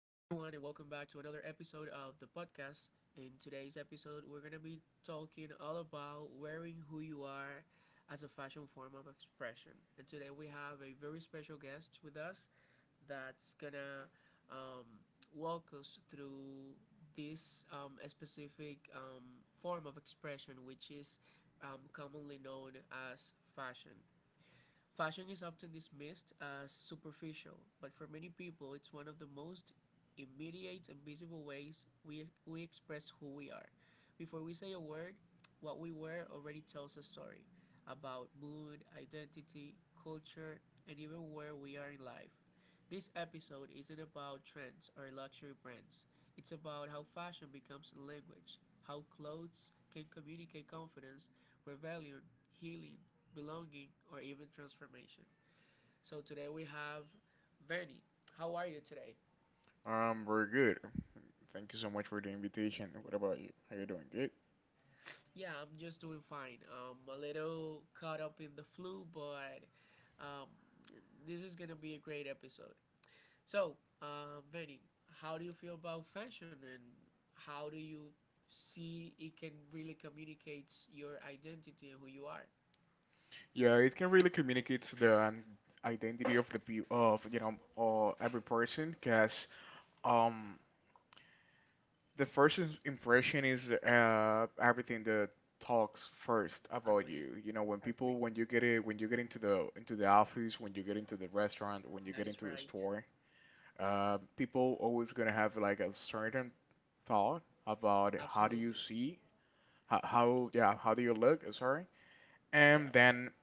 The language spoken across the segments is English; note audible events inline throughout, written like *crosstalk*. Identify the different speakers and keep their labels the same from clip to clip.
Speaker 1: and welcome back to another episode of the podcast. In today's episode, we're going to be talking all about wearing who you are as a fashion form of expression. And today, we have a very special guest with us that's going to um, walk us through this specific form of expression, which is commonly known as fashion. Fashion is often dismissed as superficial, but for many people, it's one of the most immediate and visible ways we express who we are. Before we say a word, what we wear already tells a story about mood, identity, culture, and even where we are in life. This episode isn't about trends or luxury brands. It's about how fashion becomes a language, how clothes can communicate confidence, rebellion, healing, belonging, or even transformation. So today we have Vanny. How are you today?
Speaker 2: We're good. Thank you so much for the invitation. What about you? How you doing? Good?
Speaker 1: Yeah, I'm just doing fine. A little caught up in the flu, but um, this is gonna be a great episode. So, Vanny, how do you feel about fashion, and how do you see it can really communicate your identity and who you are?
Speaker 2: Yeah, it can really communicate the identity of the peo- of you know every person, cause um the first impression is everything that talks first about
Speaker 1: Agree.
Speaker 2: you. You know,
Speaker 1: Agree.
Speaker 2: when you get into the office, when you get into the restaurant, when you
Speaker 1: That
Speaker 2: get
Speaker 1: is
Speaker 2: into the
Speaker 1: right.
Speaker 2: store, people always gonna have like a certain thought about how do
Speaker 1: Absolutely.
Speaker 2: you see How do you look? Sorry. And
Speaker 1: Yeah.
Speaker 2: then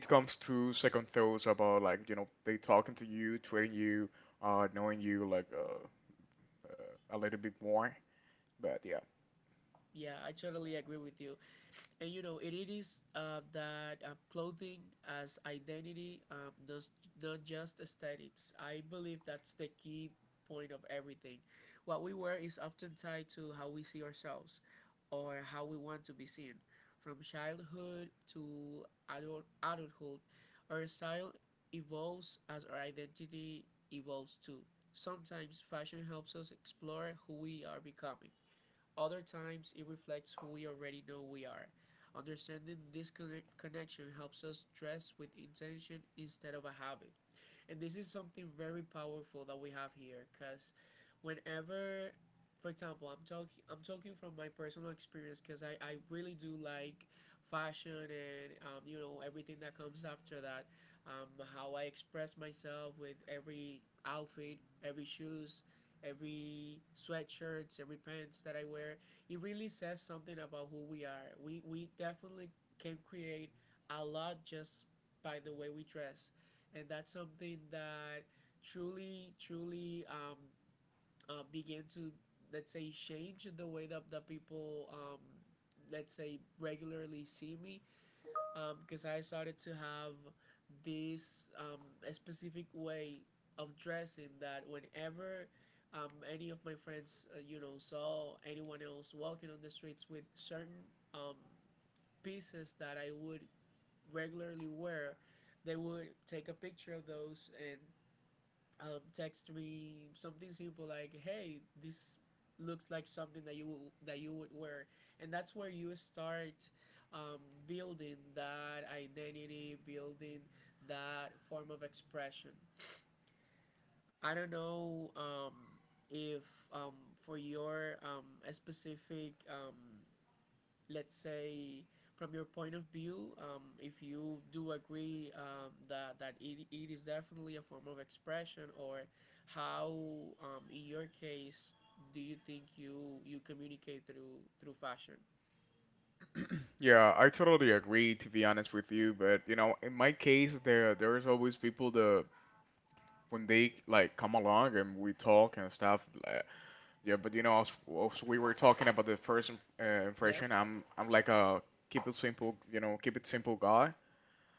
Speaker 2: it comes to second thoughts about like, you know, they talking to you, treating you, knowing you like a little bit more. But yeah.
Speaker 1: Yeah, I totally agree with you. And you know it is that clothing as identity does not just aesthetics. I believe that's the key point of everything. What we wear is often tied to how we see ourselves or how we want to be seen, from childhood to adulthood. Our style evolves as our identity evolves too. Sometimes fashion helps us explore who we are becoming, other times, it reflects who we already know we are. Understanding this connection helps us dress with intention instead of a habit. And this is something very powerful that we have here because whenever, for example, I'm talking from my personal experience, because I really do like fashion and you know everything that comes after that, um, how I express myself with every outfit, every shoes, every sweatshirts, every pants that I wear. It really says something about who we are. We definitely can create a lot just by the way we dress, and that's something that truly began to, let's say, change the way that the people, let's say, regularly see me, because I started to have this specific way of dressing that whenever any of my friends, you know, saw anyone else walking on the streets with certain um, pieces that I would regularly wear, they would take a picture of those and text me something simple like, "Hey, this looks like something that you would wear," and that's where you start um, building that identity, building that form of expression. I don't know if for your specific let's say, from your point of view, if you do agree that it is definitely a form of expression, or how, in your case, do you think you communicate through fashion?
Speaker 2: Yeah, I totally agree to be honest with you, but you know, in my case there's always people that when they like come along and we talk and stuff. Yeah, but you know as we were talking about the first
Speaker 1: Yep.
Speaker 2: impression, I'm like a keep it simple, you know, keep it simple guy.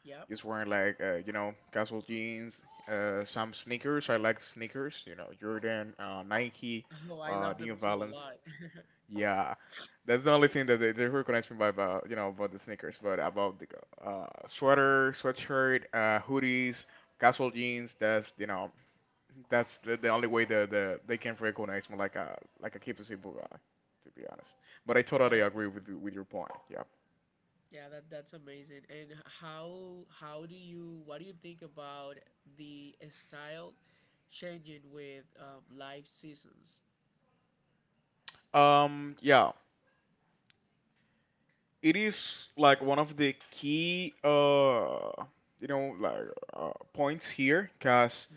Speaker 1: Yep.
Speaker 2: Just wearing like you know casual jeans, some sneakers. I like sneakers. You know Jordan, Nike,
Speaker 1: Oh, I love them
Speaker 2: New
Speaker 1: too a
Speaker 2: Balance.
Speaker 1: lot.
Speaker 2: Yeah, that's the only thing that they recognize me by, about you know about the sneakers, but about the sweater, sweatshirt, hoodies, casual jeans. That's you know that's the only way that they can recognize me like a keep simple guy, to be honest. But I
Speaker 1: *laughs*
Speaker 2: totally
Speaker 1: That's
Speaker 2: agree with
Speaker 1: amazing.
Speaker 2: you- with your point. Yeah.
Speaker 1: Yeah, that that's amazing. And how do you, what do you think about the style changing with life seasons?
Speaker 2: Yeah. It is like one of the key you know like points here because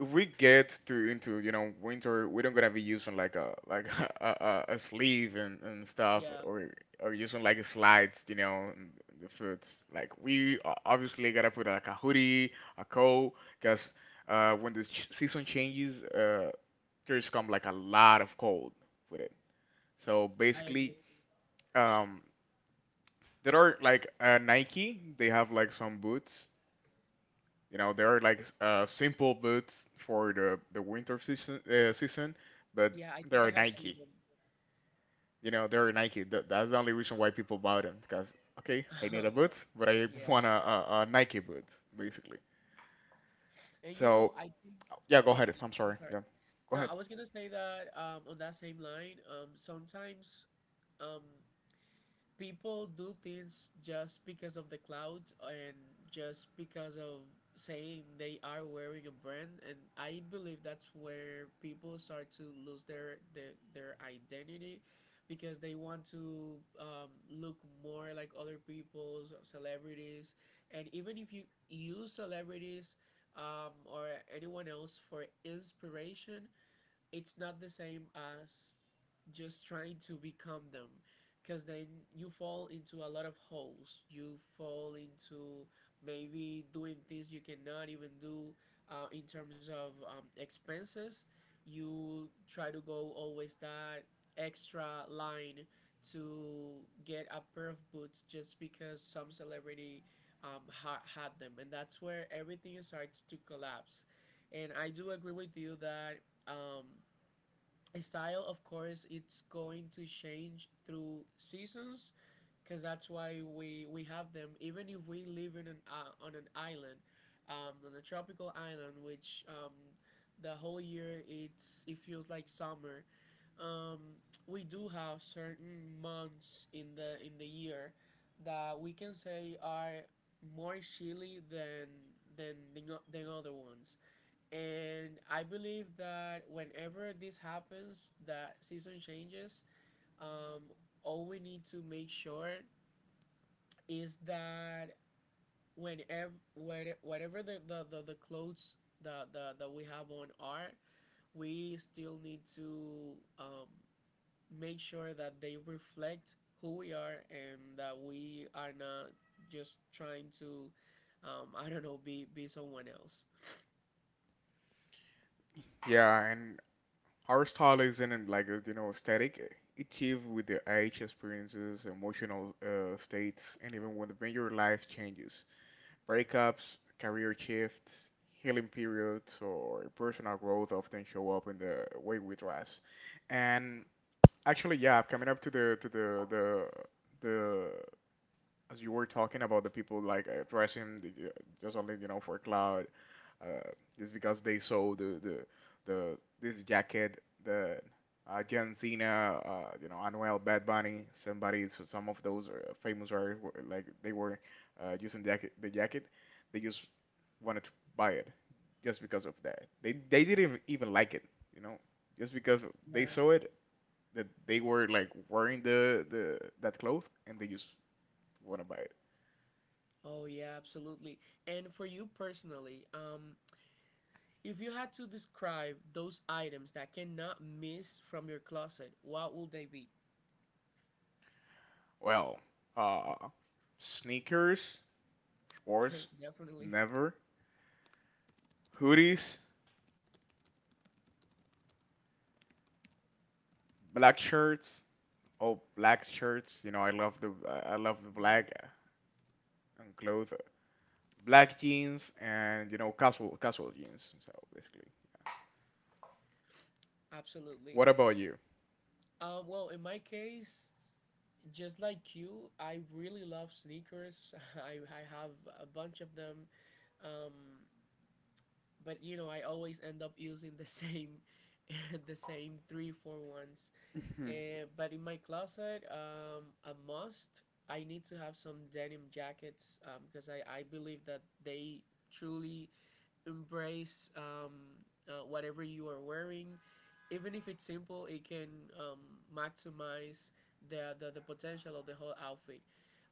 Speaker 2: if we get to into you know winter we don't gonna be using like a like *laughs* a sleeve and stuff,
Speaker 1: Yeah,
Speaker 2: or using like slides you know, and the foods like we obviously gotta put like a hoodie, a coat, because when the season changes there's come like a lot of cold with it. So
Speaker 1: I
Speaker 2: basically,
Speaker 1: agree.
Speaker 2: um there are like Nike. They have like some boots. You know, there are like simple boots for the winter season, but
Speaker 1: Yeah, I
Speaker 2: there
Speaker 1: think I
Speaker 2: are
Speaker 1: have seen
Speaker 2: Nike. You know, there are Nike. That's the only reason why people buy them because okay, I need
Speaker 1: them.
Speaker 2: a boots, but I
Speaker 1: *laughs*
Speaker 2: *laughs*
Speaker 1: Yeah,
Speaker 2: want a Nike boots basically.
Speaker 1: and you
Speaker 2: So
Speaker 1: know, I think.
Speaker 2: yeah, go
Speaker 1: Oh,
Speaker 2: ahead. I'm sorry.
Speaker 1: I'm sorry.
Speaker 2: Yeah, go
Speaker 1: No,
Speaker 2: ahead.
Speaker 1: I was gonna say that on that same line. Sometimes, um, people do things just because of the clouds and just because of saying they are wearing a brand. And I believe that's where people start to lose their identity, because they want to look more like other people's celebrities. And even if you use celebrities or anyone else for inspiration, it's not the same as just trying to become them, because then you fall into a lot of holes. You fall into maybe doing things you cannot even do, in terms of expenses. You try to go always that extra line to get a pair of boots just because some celebrity had them, and that's where everything starts to collapse. And I do agree with you that um, style, of course, it's going to change through seasons, because that's why we have them. Even if we live in an on an island, on a tropical island which, the whole year it's, it feels like summer. um, we do have certain months in the year that we can say are more chilly than other ones. And I believe that whenever this happens, that season changes, um, all we need to make sure is that, whenever whatever the clothes that we have on are, we still need to um, make sure that they reflect who we are and that we are not just trying to I don't know, be someone else.
Speaker 2: Yeah, and our style isn't like you know static. It shifts with the age, experiences, emotional states, and even when the when your life changes. Breakups, career shifts, healing periods, or personal growth often show up in the way we dress. And actually, yeah, coming up to the the as you were talking about the people like dressing just only you know for cloud, uh, just because they saw the this jacket, the John Cena, you know, Anuel, Bad Bunny, somebody, so some of those famous artists, were like they were using the jacket, the jacket. They just wanted to buy it just because of that. They didn't even like it, you know, just because they
Speaker 1: Yeah.
Speaker 2: saw it, that they were like wearing the that cloth and they just want to buy it.
Speaker 1: Oh yeah, absolutely. And for you personally, if you had to describe those items that cannot miss from your closet, what would they be?
Speaker 2: Well, uh, sneakers, of course,
Speaker 1: *laughs* Definitely.
Speaker 2: never. Hoodies, black shirts, oh black shirts. You know, I love the
Speaker 1: Yeah,
Speaker 2: black and clothes, black jeans, and you know casual jeans. So basically,
Speaker 1: absolutely.
Speaker 2: what about you?
Speaker 1: Well, in my case, just like you, I really love sneakers. *laughs* I have a bunch of them. Um, but you know, I always end up using the same *laughs* the same three, four ones.
Speaker 2: *laughs*
Speaker 1: But in my closet, a must. I need to have some denim jackets because I believe that they truly embrace whatever you are wearing. Even if it's simple, it can um, maximize the potential of the whole outfit.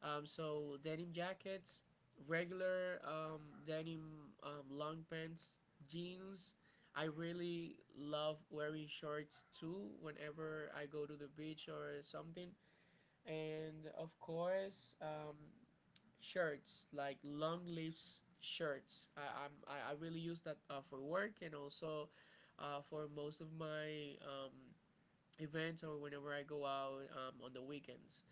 Speaker 1: So denim jackets, regular denim long pants, jeans. I really love wearing shorts too whenever I go to the beach or something. And of course, shirts, like long sleeves shirts. I really use that for work and also for most of my events or whenever I go out on the weekends.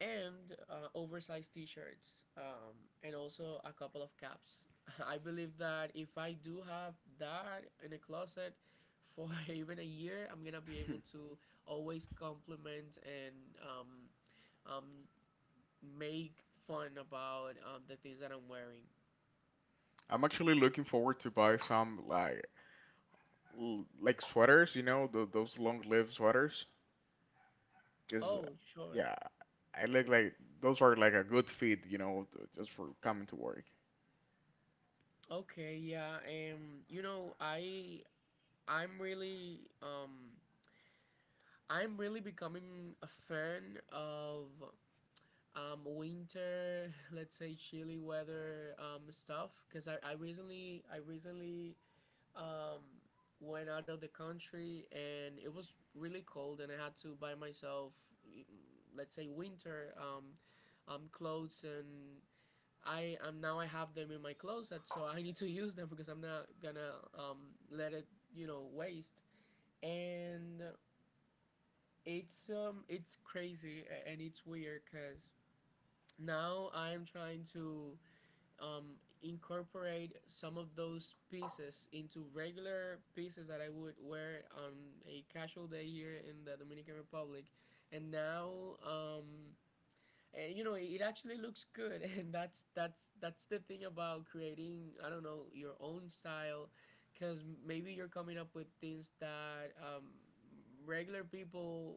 Speaker 1: And oversized t-shirts, and also a couple of caps. *laughs* I believe that if I do have that in a closet for *laughs* even a year, I'm gonna be able to always compliment and um, um, make fun about the things that I'm wearing.
Speaker 2: I'm actually looking forward to buy some like like sweaters, you know, th those long-lived sweaters. Cause
Speaker 1: Oh sure.
Speaker 2: yeah, I like those are like a good fit, you know, just for coming to work.
Speaker 1: Okay, yeah, and you know, i'm really um I'm really becoming a fan of winter, *laughs* let's say chilly weather stuff. Because I recently um, went out of the country and it was really cold and I had to buy myself, mm, let's say winter clothes. And I am now, I have them in my closet, so I need to *laughs* use them, because I'm not gonna let it, you know, waste. And it's crazy, and it's weird because now I'm trying to um, incorporate some of those pieces into regular pieces that I would wear on a casual day here in the Dominican Republic. And now, um, you know, it actually looks good, *laughs* and that's the thing about creating, I don't know, your own style, because maybe you're coming up with things that regular people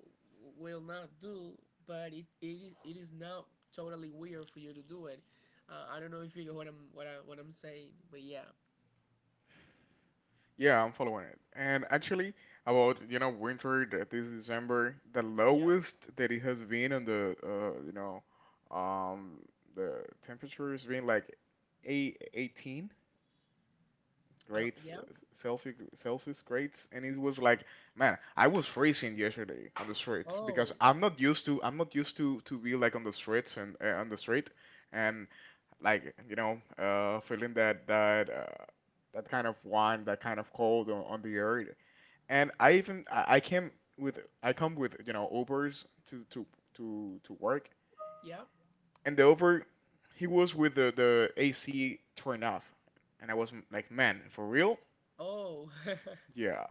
Speaker 1: will not do, but it is not totally weird for you to do it. I don't know if you get what I'm what I what I'm saying, but yeah,
Speaker 2: Yeah, I'm following it. And actually, about you know winter this December, the
Speaker 1: yeah,
Speaker 2: lowest that it has been on the you know um the temperature has been like eight, 18 grades,
Speaker 1: yeah.
Speaker 2: Celsius, Celsius grades, and it was like, man, I was freezing yesterday on the streets because
Speaker 1: Oh,
Speaker 2: I'm not used to, I'm not used to be like on the streets and on the street, and like you know, feeling that that kind of wind, that kind of cold on the air, and I came with I come with you know Ubers to work,
Speaker 1: yeah.
Speaker 2: and the Uber he was with the AC turned off, and I was like, man, for real?
Speaker 1: Oh. *laughs*
Speaker 2: Yeah,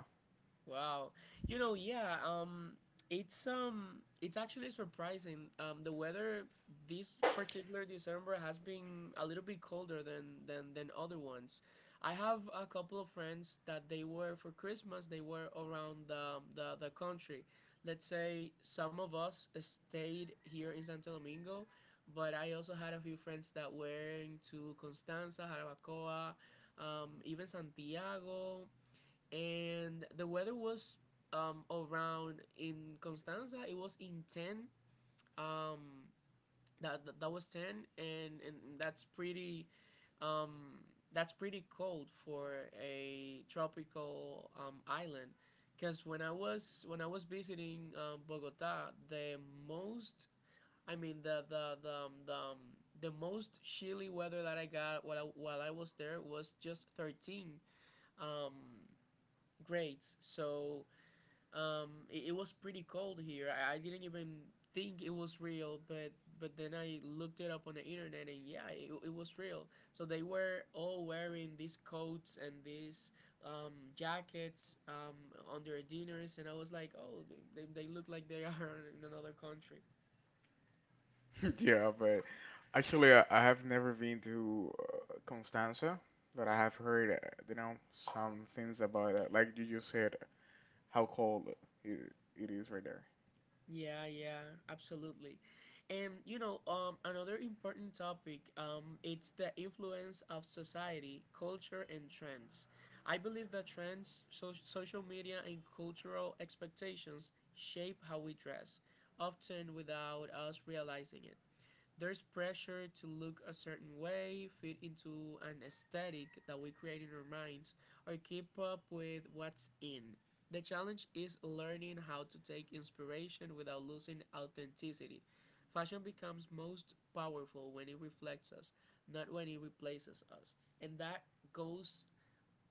Speaker 1: Wow. You know, yeah, it's actually surprising. The weather this particular December has been a little bit colder than other ones. I have a couple of friends that they were for Christmas, they were around the country. Let's say some of us stayed here in Santo Domingo, but I also had a few friends that were into Constanza, Jarabacoa, even Santiago, and the weather was, around in Constanza, it was in 10. Um, that that was 10, and that's pretty. Um, that's pretty cold for a tropical island, because when I was visiting Bogota, the most, I mean the most chilly weather that I got while while I was there was just 13 um, grades. So it was pretty cold here. I didn't even think it was real, but then I looked it up on the internet, and yeah, it was real. So they were all wearing these coats and these jackets on their dinners, and I was like, oh, they look like they are *laughs* in another country.
Speaker 2: *laughs* yeah, but actually, I have never been to Constanza, but I have heard, you know, some things about it. Like you just said, how cold it, it is right there.
Speaker 1: Yeah, yeah, absolutely. And you know, another important topic, it's the influence of society, culture, and trends. I believe that trends, social media, and cultural expectations shape how we dress, often without us realizing it. There's pressure to look a certain way, fit into an aesthetic that we create in our minds, or keep up with what's in. The challenge is learning how to take inspiration without losing authenticity. Fashion becomes most powerful when it reflects us, not when it replaces us. And that goes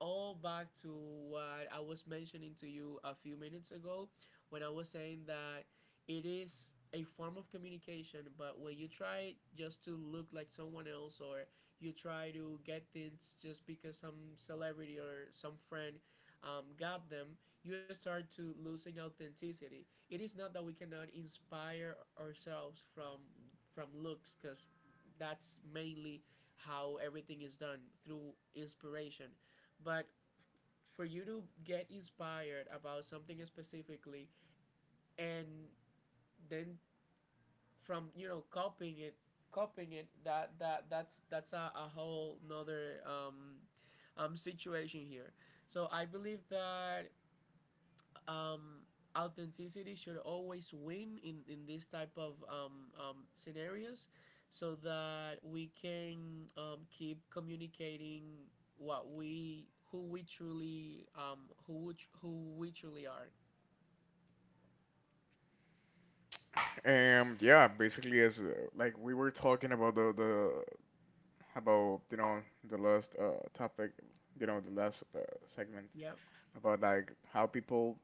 Speaker 1: all back to what I was mentioning to you a few minutes ago when I was saying that it is a form of communication, but when you try just to look like someone else or you try to get things just because some celebrity or some friend got them, you start to losing authenticity. It is not that we cannot inspire ourselves from looks, because that's mainly how everything is done through inspiration, but for you to get inspired about something specifically and then from copying it, copying it. That's a whole nother situation here. So I believe that, um, authenticity should always win in this type of scenarios, so that we can, keep communicating what we who we truly, who we truly are.
Speaker 2: Yeah, basically, as like we were talking about the about you know the last topic, you know, the last segment
Speaker 1: Yeah.
Speaker 2: about like how people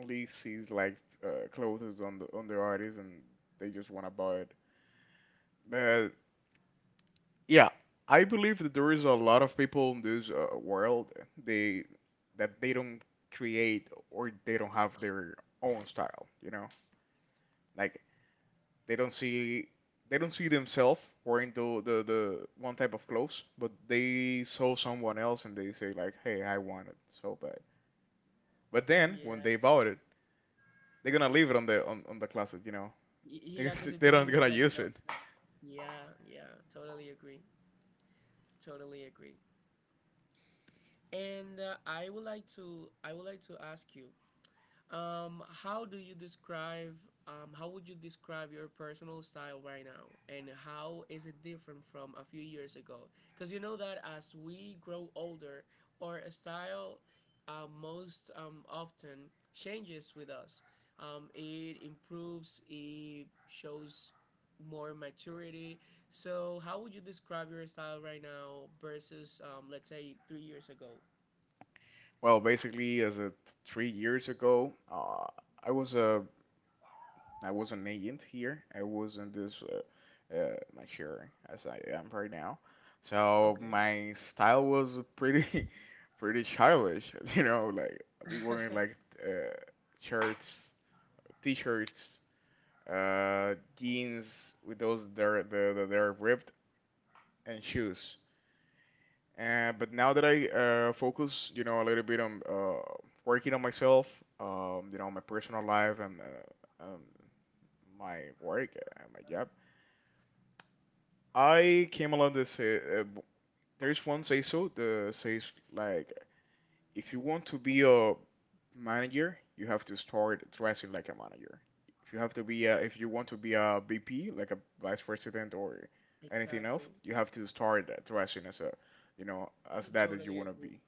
Speaker 2: only sees like clothes on the artists and they just wanna buy it. But yeah, I believe that there is a lot of people in this world they that they don't create or they don't have their own style, you know? Like they don't see they don't see themselves wearing the one type of clothes, but they saw someone else and they say like, "Hey, I want it so bad."
Speaker 1: *laughs*
Speaker 2: But then when
Speaker 1: Yeah.
Speaker 2: they bought it, they're gonna leave it on the on the closet, you know?
Speaker 1: Y-
Speaker 2: *laughs* They
Speaker 1: yeah because it
Speaker 2: they're not
Speaker 1: doesn't
Speaker 2: gonna
Speaker 1: look like
Speaker 2: use
Speaker 1: them.
Speaker 2: it.
Speaker 1: Yeah. Yeah, totally agree, totally agree. And I would like to ask you, Um, how do you describe, how would you describe your personal style right now? And how is it different from a few years ago? Because you know that as we grow older, our style most often changes with us. It improves, it shows more maturity. So, how would you describe your style right now versus, let's say, 3 years ago?
Speaker 2: Well, basically, as of 3 years ago, I was uh, I was an agent here. I wasn't this mature as I am right now. So
Speaker 1: Okay.
Speaker 2: my style was pretty, *laughs* pretty childish. *laughs* You know, like I'd be wearing like
Speaker 1: *laughs*
Speaker 2: uh, shirts, t-shirts, jeans with those that are, that that are ripped, and shoes. But now that I focus, you know, a little bit on working on myself, you know, my personal life and my work, my job, I came along this. Uh, w- there is one say so that says like if you want to be a manager, you have to start dressing like a manager. If you have to be a, if you want to be a VP, like a vice president or anything
Speaker 1: Exactly.
Speaker 2: else, you have to start dressing as a, you know, as that that you
Speaker 1: Totally
Speaker 2: want to
Speaker 1: agree.
Speaker 2: be.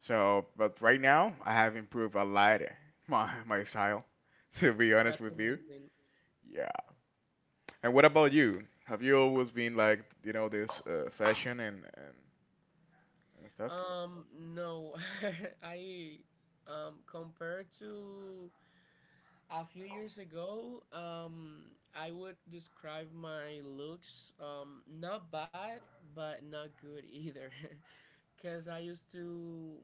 Speaker 2: So, but right now I have improved a lot *laughs* my style, *laughs* to be honest
Speaker 1: That's
Speaker 2: with you.
Speaker 1: amazing.
Speaker 2: Yeah. And what about you? Have you always been like, you know, this fashion and stuff.
Speaker 1: No. *laughs* I Compared to a few years ago, I would describe my looks, not bad but not good either, *laughs* because I used to,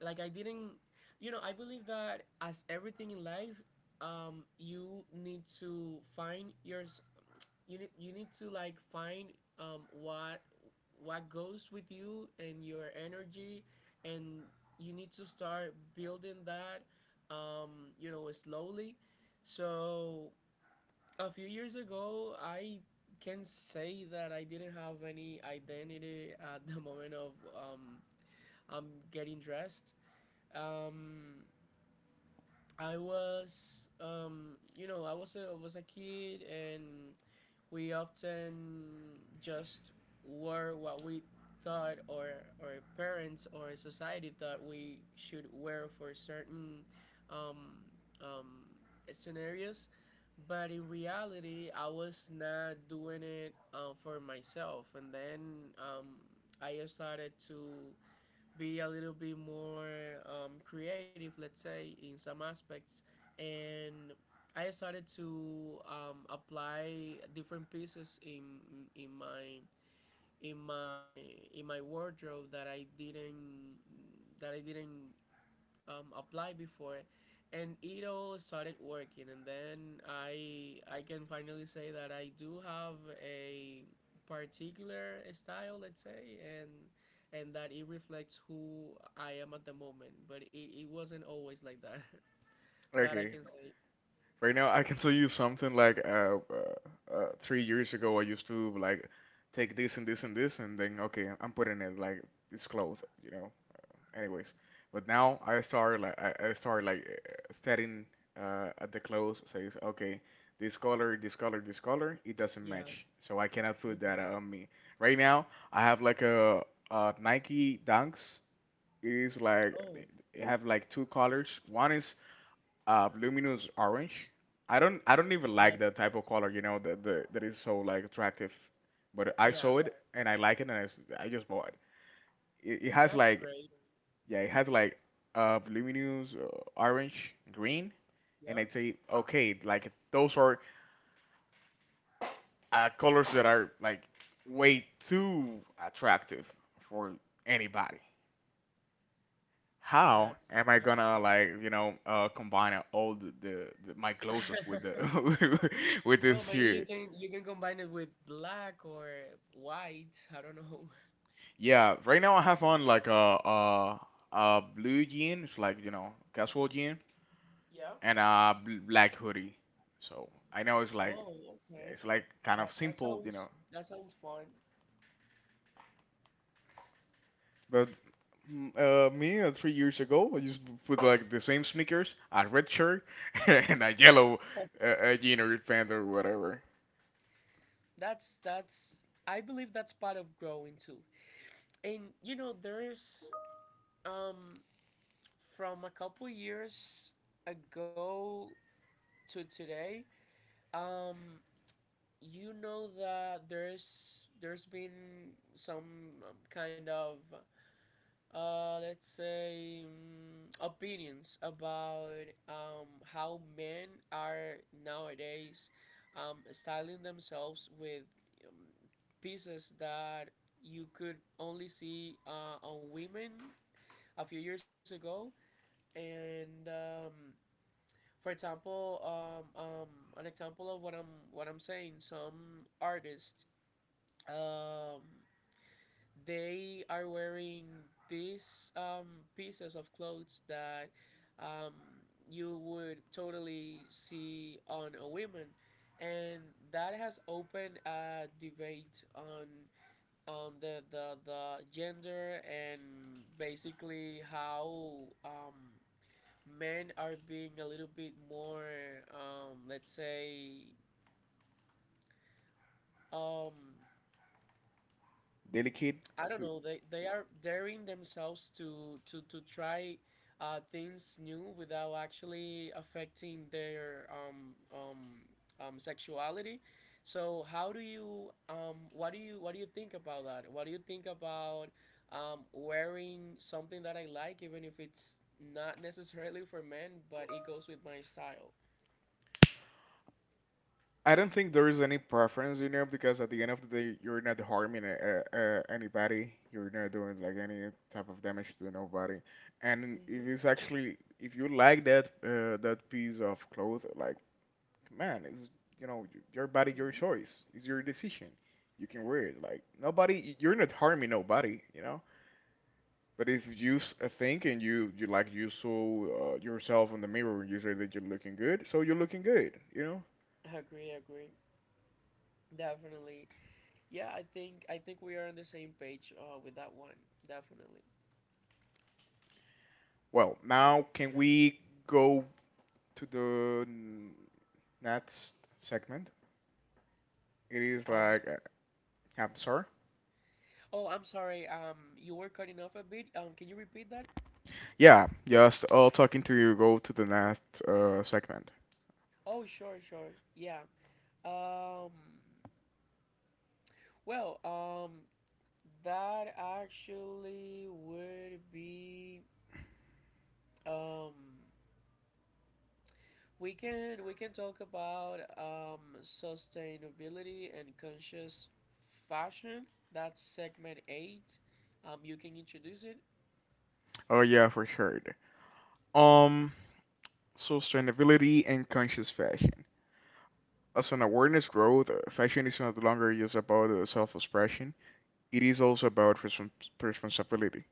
Speaker 1: like I didn't, you know, I believe that as everything in life, you need to find you need to find, um what what goes with you and your energy, and you need to start building that, slowly. So a few years ago I can say that I didn't have any identity at the moment of, I'm getting dressed. um I was, I was a kid, and we often just wore what we thought, or parents or society thought we should wear for certain, um, um, scenarios. But in reality, I was not doing it for myself. And then, um, I started to be a little bit more, creative, let's say, in some aspects. And I started to, apply different pieces in my in my in my wardrobe that I didn't applied before, and it all started working. And then I can finally say that I do have a particular style, let's say, and that it reflects who I am at the moment. But it wasn't always like that. *laughs* That I
Speaker 2: Okay,
Speaker 1: can say.
Speaker 2: right now I can tell you something like 3 years ago I used to like take this and this and this and then okay I'm putting it like this clothes, you know. Anyways, but now I start like I start like staring at the clothes says okay this color, this color, this color it doesn't
Speaker 1: Yeah.
Speaker 2: match, so I cannot put that
Speaker 1: Okay.
Speaker 2: on me. Right now I have like a Nike Dunks. It is like
Speaker 1: Oh,
Speaker 2: it have like two colors. One is luminous orange. I don't even
Speaker 1: no,
Speaker 2: like that type of
Speaker 1: that's
Speaker 2: color, you know, that is so like attractive. But I
Speaker 1: yeah,
Speaker 2: saw it and I like it and I just bought it. It has
Speaker 1: that's
Speaker 2: like
Speaker 1: great.
Speaker 2: yeah, it has like luminous orange, green,
Speaker 1: Yeah,
Speaker 2: and I say okay, like those are colors that are like way too attractive for anybody. How
Speaker 1: that's
Speaker 2: am I
Speaker 1: that's
Speaker 2: gonna
Speaker 1: great.
Speaker 2: like you know combine all the my clothes with
Speaker 1: *laughs*
Speaker 2: the *laughs* with
Speaker 1: Well,
Speaker 2: this
Speaker 1: maybe you
Speaker 2: here?
Speaker 1: can you can combine it with black or white. I don't know.
Speaker 2: Yeah, right now I have on like a, a blue jeans, like you know, casual jean,
Speaker 1: Yeah.
Speaker 2: and a black hoodie. So I know it's like
Speaker 1: Oh,
Speaker 2: yeah,
Speaker 1: okay.
Speaker 2: it's like kind
Speaker 1: That
Speaker 2: of
Speaker 1: that
Speaker 2: simple, you
Speaker 1: sounds
Speaker 2: know.
Speaker 1: that sounds fun.
Speaker 2: But me 3 years ago, I just put like the same sneakers, a red shirt, *laughs* and a yellow jean or pant or whatever.
Speaker 1: That's I believe that's part of growing too. And you know, there's, um from a couple years ago to today, um that there's been some, kind of, let's say, opinions about, how men are nowadays, styling themselves with, um, pieces that you could only see on women a few years ago. And, for example, an example of what I'm saying, some artists, um, they are wearing these, pieces of clothes that, um, you would totally see on a woman, and that has opened a debate on the gender, and basically how, um, men are being a little bit more, let's say, um,
Speaker 2: Delicate,
Speaker 1: I don't know. They are daring themselves to try, things new, without actually affecting their sexuality. So how do you, what do you think about that? What do you think about, wearing something that I like, even if it's not necessarily for men, but it goes with my style?
Speaker 2: I don't think there is any preference, you know, because at the end of the day, you're not harming anybody. You're not doing like any type of damage to nobody. And it
Speaker 1: Hmm.
Speaker 2: is actually, if you like that that piece of cloth, like man, it's you know your body, your choice. It's your decision. You can wear it. Like nobody, you're not harming nobody, you know. But if you think and you you saw yourself in the mirror and you say that you're looking good, so you're looking good, you know.
Speaker 1: Agree, agree. Definitely. Yeah, I think we are on the same page with that one. Definitely.
Speaker 2: Well, now can we go to next segment? It is
Speaker 1: Um,
Speaker 2: like, I'm sorry.
Speaker 1: oh, I'm sorry. You were cutting off a bit. Can you repeat that?
Speaker 2: Yeah, just talking to you. Go to the next segment.
Speaker 1: Oh, sure, sure. Yeah. Um, well, that actually would be, um we can talk about, sustainability and conscious fashion. That's segment 8. You can introduce it.
Speaker 2: Oh yeah, for sure. Um, Sustainability and conscious fashion. As an awareness growth, fashion is no longer just about self-expression. It is also about responsibility.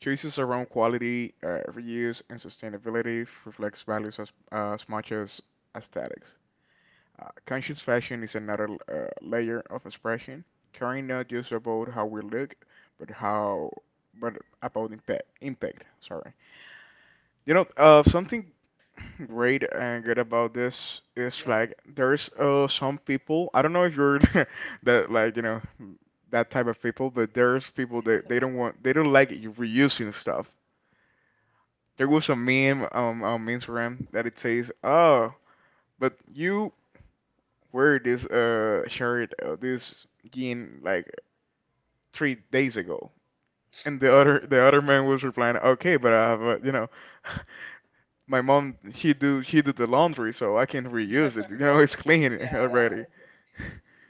Speaker 2: Choices around quality, reuse, and sustainability reflects values as much as aesthetics. Conscious fashion is another layer of expression, caring not just about how we look, but how, but about impact. Impact. Sorry. You know, something *laughs* great and good about this is
Speaker 1: Yeah.
Speaker 2: like there's some people. I don't know if you're *laughs* that, like, you know, that type of people, but there's people that they don't like you reusing stuff. There was a meme on Instagram that it says, "Oh, but you wear this shirt this jean like 3 days ago." And the
Speaker 1: Yeah.
Speaker 2: other the other man was replying, "Okay, but I have a, *laughs* my mom, she did the laundry so I can reuse
Speaker 1: *laughs*
Speaker 2: it, you know, it's clean
Speaker 1: Yeah.
Speaker 2: *laughs* already."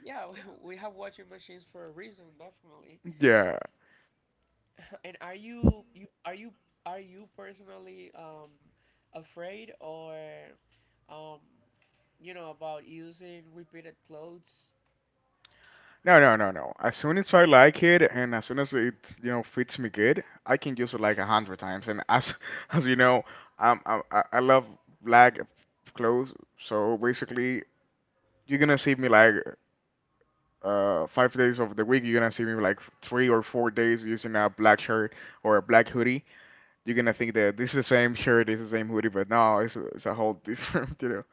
Speaker 1: Yeah, *laughs* we have washing machines for a reason, definitely.
Speaker 2: Wow. Yeah.
Speaker 1: And are you personally, afraid, or, um about using repeated clothes?
Speaker 2: No, as soon as I like it, and as soon as it, you know, fits me good, I can use it like a hundred times and as *laughs* as you know I love black clothes, so basically you're gonna see me like 5 days of the week, you're gonna see me like 3 or 4 days using a black shirt or a black hoodie. You're gonna think that this is the same shirt, this is the same hoodie, but no, it's a whole different, *laughs* .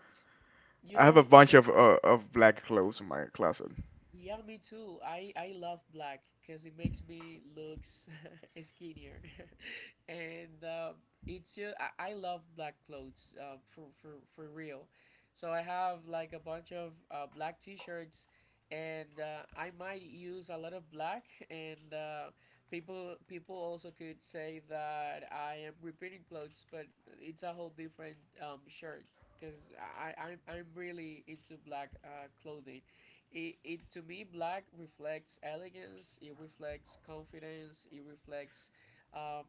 Speaker 1: You
Speaker 2: I have a
Speaker 1: know,
Speaker 2: bunch
Speaker 1: same.
Speaker 2: of black clothes in my closet.
Speaker 1: Yeah, me too. I love black because it makes me looks *laughs* skinnier, *laughs* and, it's, I love black clothes, for real. So I have like a bunch of, black T-shirts, and, I might use a lot of black. And, people also could say that I am repeating clothes, but it's a whole different, shirt, because I'm really into black, clothing. It To me, black reflects elegance, it reflects confidence, it reflects, um,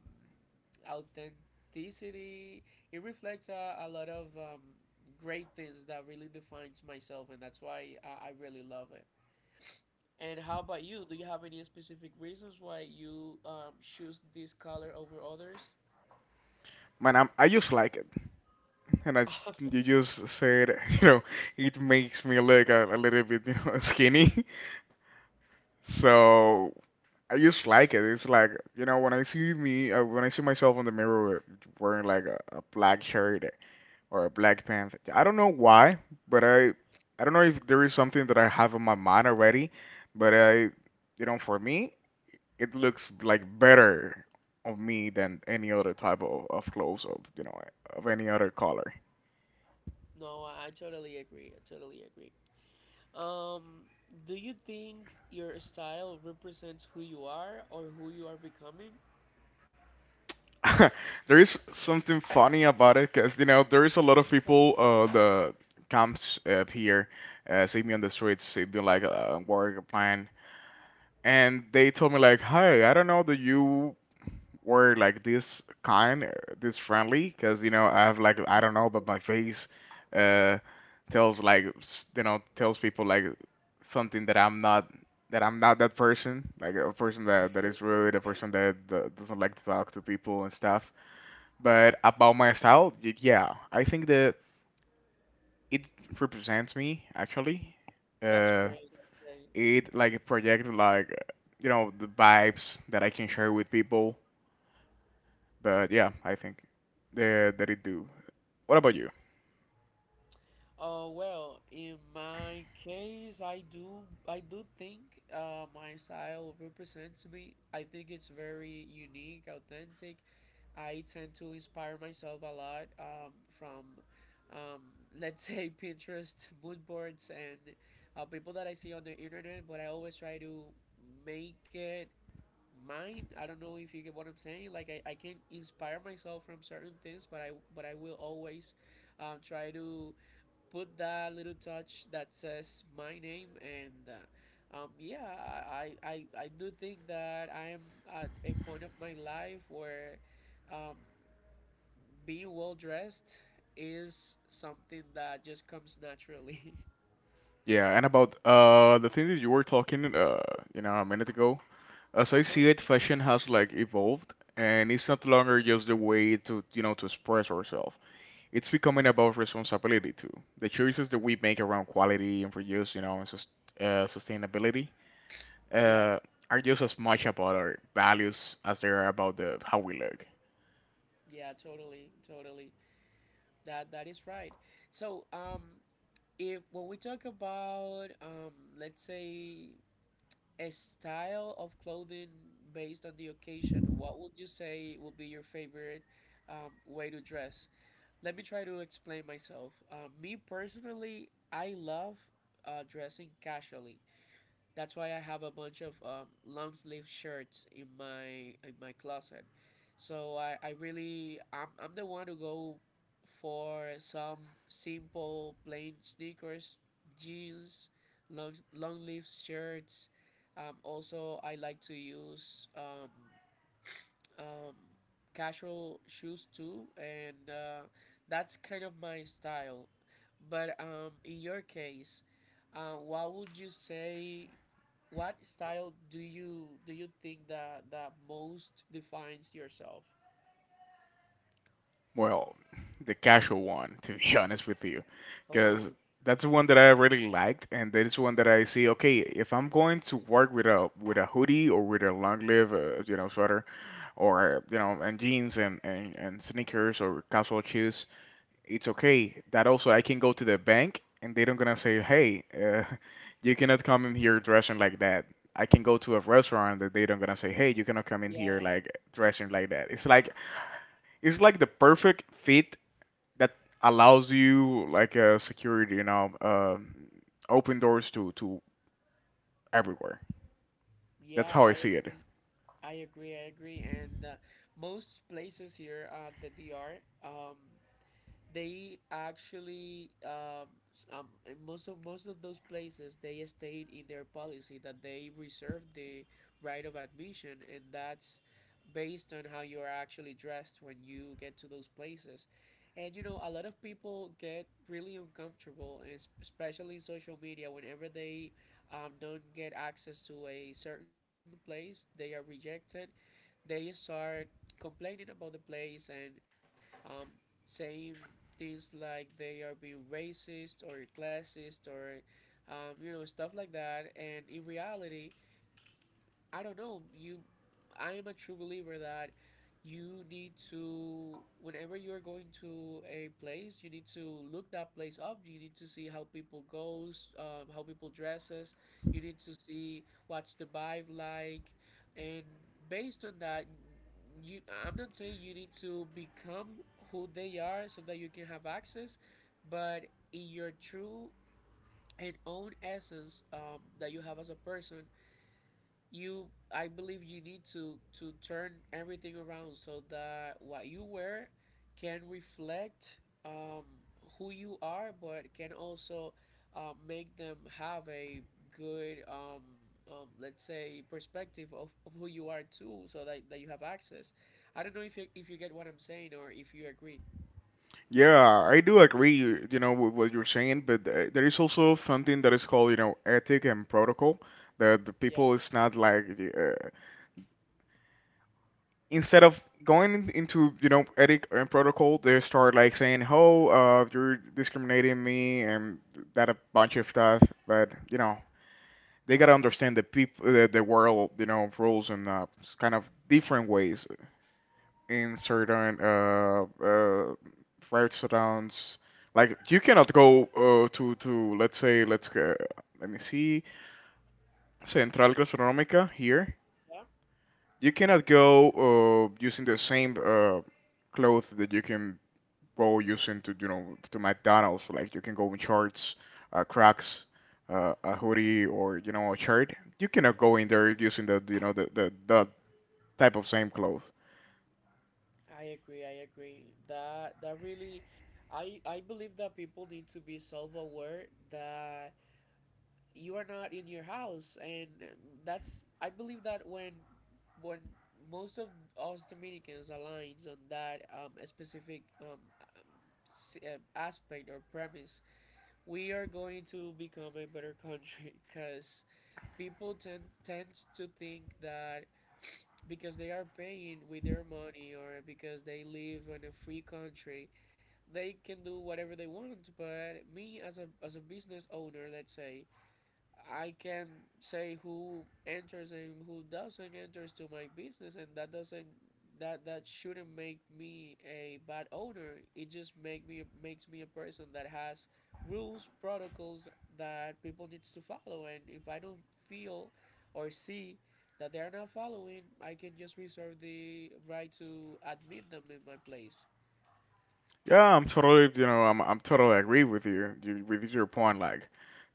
Speaker 1: authenticity, it reflects a lot of, great things that really defines myself, and that's why I really love it. And how about you? Do you have any specific reasons why you, choose this color over others?
Speaker 2: Man, I just like it, and
Speaker 1: *laughs*
Speaker 2: you just said, *laughs* you know, it makes me look a little bit, you know, *laughs* skinny. *laughs* So I just like it. It's like, you know, when I see me when I see myself in the mirror wearing like a black shirt or Black Panther. I don't know why, but I don't know if there is something that I have in my mind already, but I, you know, for me it looks like better of me than any other type of clothes of, you know, of any other color.
Speaker 1: No, I totally agree, I totally agree. Um, do you think your style represents who you are or who you are becoming?
Speaker 2: *laughs* There is something funny about it because, you know, there is a lot of people the comes up here, see me on the streets, see me like wearing plan, and they told me like, "Hi, I don't know that you were like this kind, this friendly," because, you know, I have like, I don't know, but my face uh tells like you know, tells people like something that I'm not, that I'm not that person, like a person that
Speaker 1: *laughs*
Speaker 2: that is rude, a
Speaker 1: Okay,
Speaker 2: person that doesn't like to talk to people and stuff. But about my style, yeah, I think that it represents me actually.
Speaker 1: that's
Speaker 2: Uh,
Speaker 1: great. That's great.
Speaker 2: it like projects like, you know, the vibes that I can share with people. But yeah, I think that it do. What about you?
Speaker 1: Well, in my case, I do think, my style represents me. I think it's very unique, authentic. I tend to inspire myself a lot, from, um, let's say, *laughs* Pinterest, mood boards, and, people that I see on the internet. But I always try to make it mind. I don't know if you get what I'm saying. I can inspire myself from certain things, but I will always, try to put that little touch that says my name, and, yeah, I do think that I am at a point of my life where, um, being well dressed is something that just comes naturally.
Speaker 2: Yeah, and about the thing that you were talking uh, you know, a minute ago. As
Speaker 1: *laughs*
Speaker 2: I
Speaker 1: Uh-huh.
Speaker 2: see it, fashion has like evolved, and it's not longer just the way to, you know, to express ourselves. It's becoming about responsibility too. The choices that we make around quality and produce, you know, and sustainability,
Speaker 1: Yeah.
Speaker 2: uh, are just as much about our values as they are about the how we look.
Speaker 1: Yeah, totally, totally. That is right. So, if when we talk about, let's say, a style of clothing based on the occasion, what would you say would be your favorite, way to dress? Let me try to explain myself. Me personally, I love, dressing casually. That's why I have a bunch of, long sleeve shirts in my closet. So I'm the one to go for some simple plain sneakers, jeans, long sleeve shirts. Also, I like to use, um, casual shoes too, and, that's kind of my style. But, in your case, what would you say? What style do you think that most defines yourself?
Speaker 2: Well, the casual one, to be *laughs* honest with you, because
Speaker 1: Oh,
Speaker 2: that's the one that I really liked, and that is one that I see. Okay, if I'm going to work with a hoodie or with a long sleeve, you know, sweater or, you know, and jeans and sneakers or casual shoes, it's okay. That also I can go to the bank and they don't gonna say, "Hey, *laughs* you cannot come in here dressing like that." I can go to a restaurant that they don't gonna say, "Hey, you cannot come in here
Speaker 1: yeah,
Speaker 2: like dressing like that." It's like, it's like the perfect fit that allows you like a security, you know, open doors to everywhere. That's
Speaker 1: yeah,
Speaker 2: how I
Speaker 1: I
Speaker 2: see it.
Speaker 1: agree. I agree, I agree. And, most places here at the DR, um, they actually, in most of those places they state in their policy that they reserve the right of admission, and that's based on how you're actually dressed when you get to those places. And you know, a lot of people get really uncomfortable, especially in social media, whenever they, don't get access to a certain place, they are rejected, they start complaining about the place and, um, saying things like they are being racist or classist, or, stuff like that. And in reality, I don't know. I am a true believer that you need to, whenever you're going to a place, you need to look that place up. You need to see how people goes, how people dresses. You need to see what's the vibe like, and based on that, you— I'm not saying you need to become who they are so that you can have access, but in your true and own essence, that you have as a person, you— I believe you need to turn everything around so that what you wear can reflect, um who you are, but can also make them have a good, let's say, perspective of who you are too, so that you have access. I don't know if you get what I'm saying or if you agree.
Speaker 2: Yeah, I do agree, you know, with what you're saying, but there is also something that is called, you know, ethic and protocol. That the
Speaker 1: Yeah,
Speaker 2: people is not like, uh, instead of going into, you know, ethic and protocol, they start like saying, "Oh, you're discriminating me," and that a bunch of stuff. But you know, they gotta understand the people, the world, you know, rules and, kind of different ways in certain restaurants. Like you cannot go to let's say, let's go, let me see, Central Gastronómica here.
Speaker 1: yeah,
Speaker 2: You cannot go using the same clothes that you can go using to, you know, to McDonald's. Like you can go in shorts, Crocs, a hoodie, or, you know, a shirt. You cannot go in there using the, you know, the type of same clothes.
Speaker 1: I agree. I agree that that really— I believe that people need to be self-aware, that you are not in your house. And that's— I believe that when most of us Dominicans aligns on that specific aspect or premise, we are going to become a better country *laughs* because people tend to think that because they are paying with their money or because they live in a free country, they can do whatever they want. But me, as a business owner, let's say, I can say who enters and who doesn't enters to my business, and that doesn't— that shouldn't make me a bad owner. It just makes me a person that has rules, protocols that people needs to follow. And if I don't feel or see that they are not following, I can just reserve the right to admit them in my place.
Speaker 2: Yeah, I'm totally, you know, I'm totally agree with you, you with your point. Like *laughs*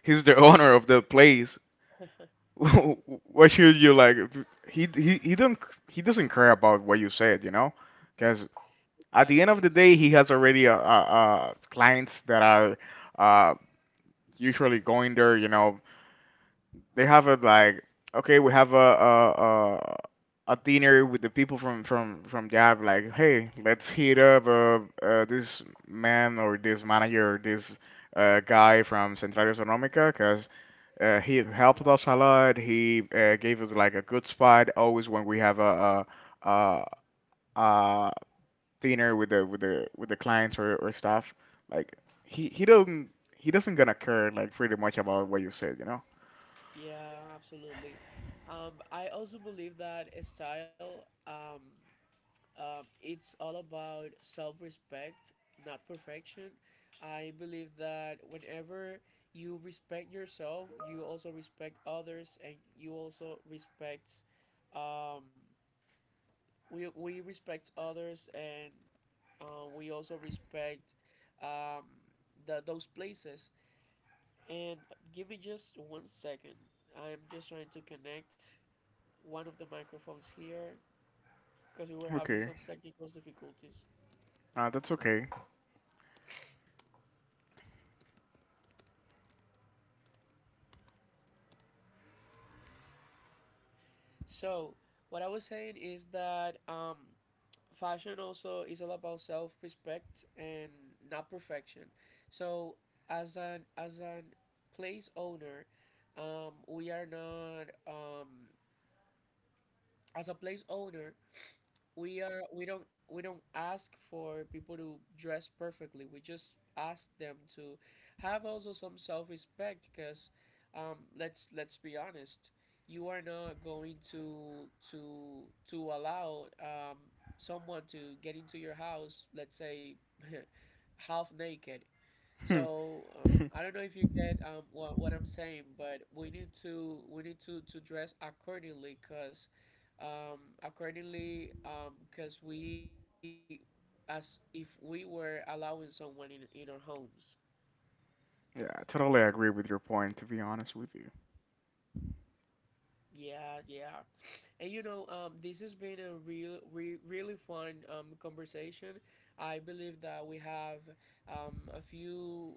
Speaker 2: he's the owner of the place.
Speaker 1: *laughs*
Speaker 2: *laughs* What should you like? He don't he doesn't care about what you said, you know, because at the end
Speaker 1: Exactly.
Speaker 2: of the
Speaker 1: Exactly.
Speaker 2: day, he has already uh clients that are uh, usually going there, you know. They have a like, okay, we have a dinner with the people from Jab. Like, "Hey, let's hit up this man or this manager or this guy from Central Economica because he helped us a lot. He gave us like a good spot always when we have a, a dinner with the with the clients or staff." Like, he he doesn't he doesn't gonna care like pretty much about what you said, you know.
Speaker 1: Yeah, absolutely. I also believe that a style, it's all about self-respect, not perfection. I believe that whenever you respect yourself, you also respect others, and you also respect, um, we respect others, and we also respect um, the those places. And give me just one second. I'm just trying to connect one of the microphones here, because we were having
Speaker 2: Okay.
Speaker 1: some technical difficulties.
Speaker 2: That's okay.
Speaker 1: So, what I was saying is that, fashion also is all about self-respect and not perfection. So, as an place owner, we are not— as a place owner, we are— we don't ask for people to dress perfectly. We just ask them to have also some self-respect, because let's be honest, you are not going to allow someone to get into your house, let's say, *laughs* half naked.
Speaker 2: Hmm.
Speaker 1: So
Speaker 2: *laughs* Yeah,
Speaker 1: I don't know if you get what I'm saying, but we need to— we need to dress accordingly, cause we, as if we were allowing someone in our homes.
Speaker 2: I totally agree with your point, to be honest with you. *laughs*
Speaker 1: Yeah, yeah. And you know, this has been a real, re really fun conversation. I believe that we have a few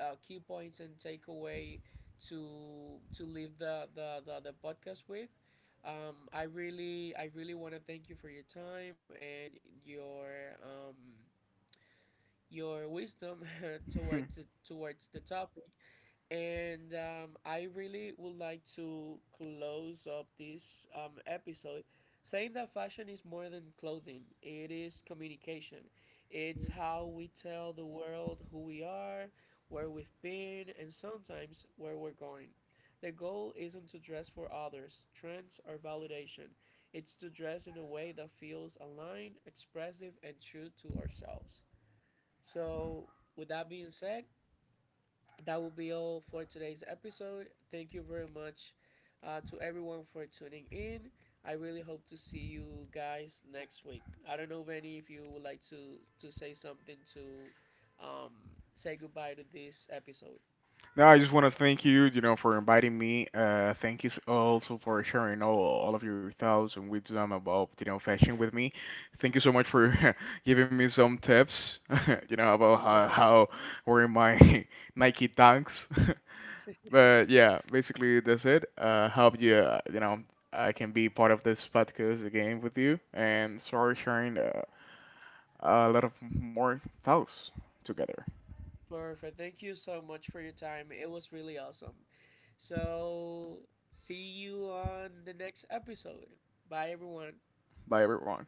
Speaker 1: key points and takeaway to leave the podcast with. I really want to thank you for your time and your um, your wisdom *laughs*
Speaker 2: Hmm.
Speaker 1: towards the topic. And I really would like to close up this episode saying that fashion is more than clothing, it is communication. It's how we tell the world who we are, where we've been, and sometimes where we're going. The goal isn't to dress for others, trends, or validation. It's to dress in a way that feels aligned, expressive, and true to ourselves. So, with that being said, that will be all for today's episode. Thank you very much to everyone for tuning in. I really hope to see you guys next week. I don't know, Vanny, if you would like to say something to um, say goodbye to this episode.
Speaker 2: No, I just want to thank you, you know, for inviting me. Thank you also for sharing all of your thoughts and wisdom about, you know, fashion with me. Thank you so much for *laughs* giving me some tips, *laughs* you know, about
Speaker 1: *laughs*
Speaker 2: how wearing my *laughs* Nike Dunks. *laughs* But yeah, basically that's it. Hope you, you know, I can be part of this podcast again with you and sorry sharing a lot of more thoughts together.
Speaker 1: Perfect. Thank you so much for your time. It was really awesome. So, see you on the next episode. Bye, everyone.
Speaker 2: By everyone.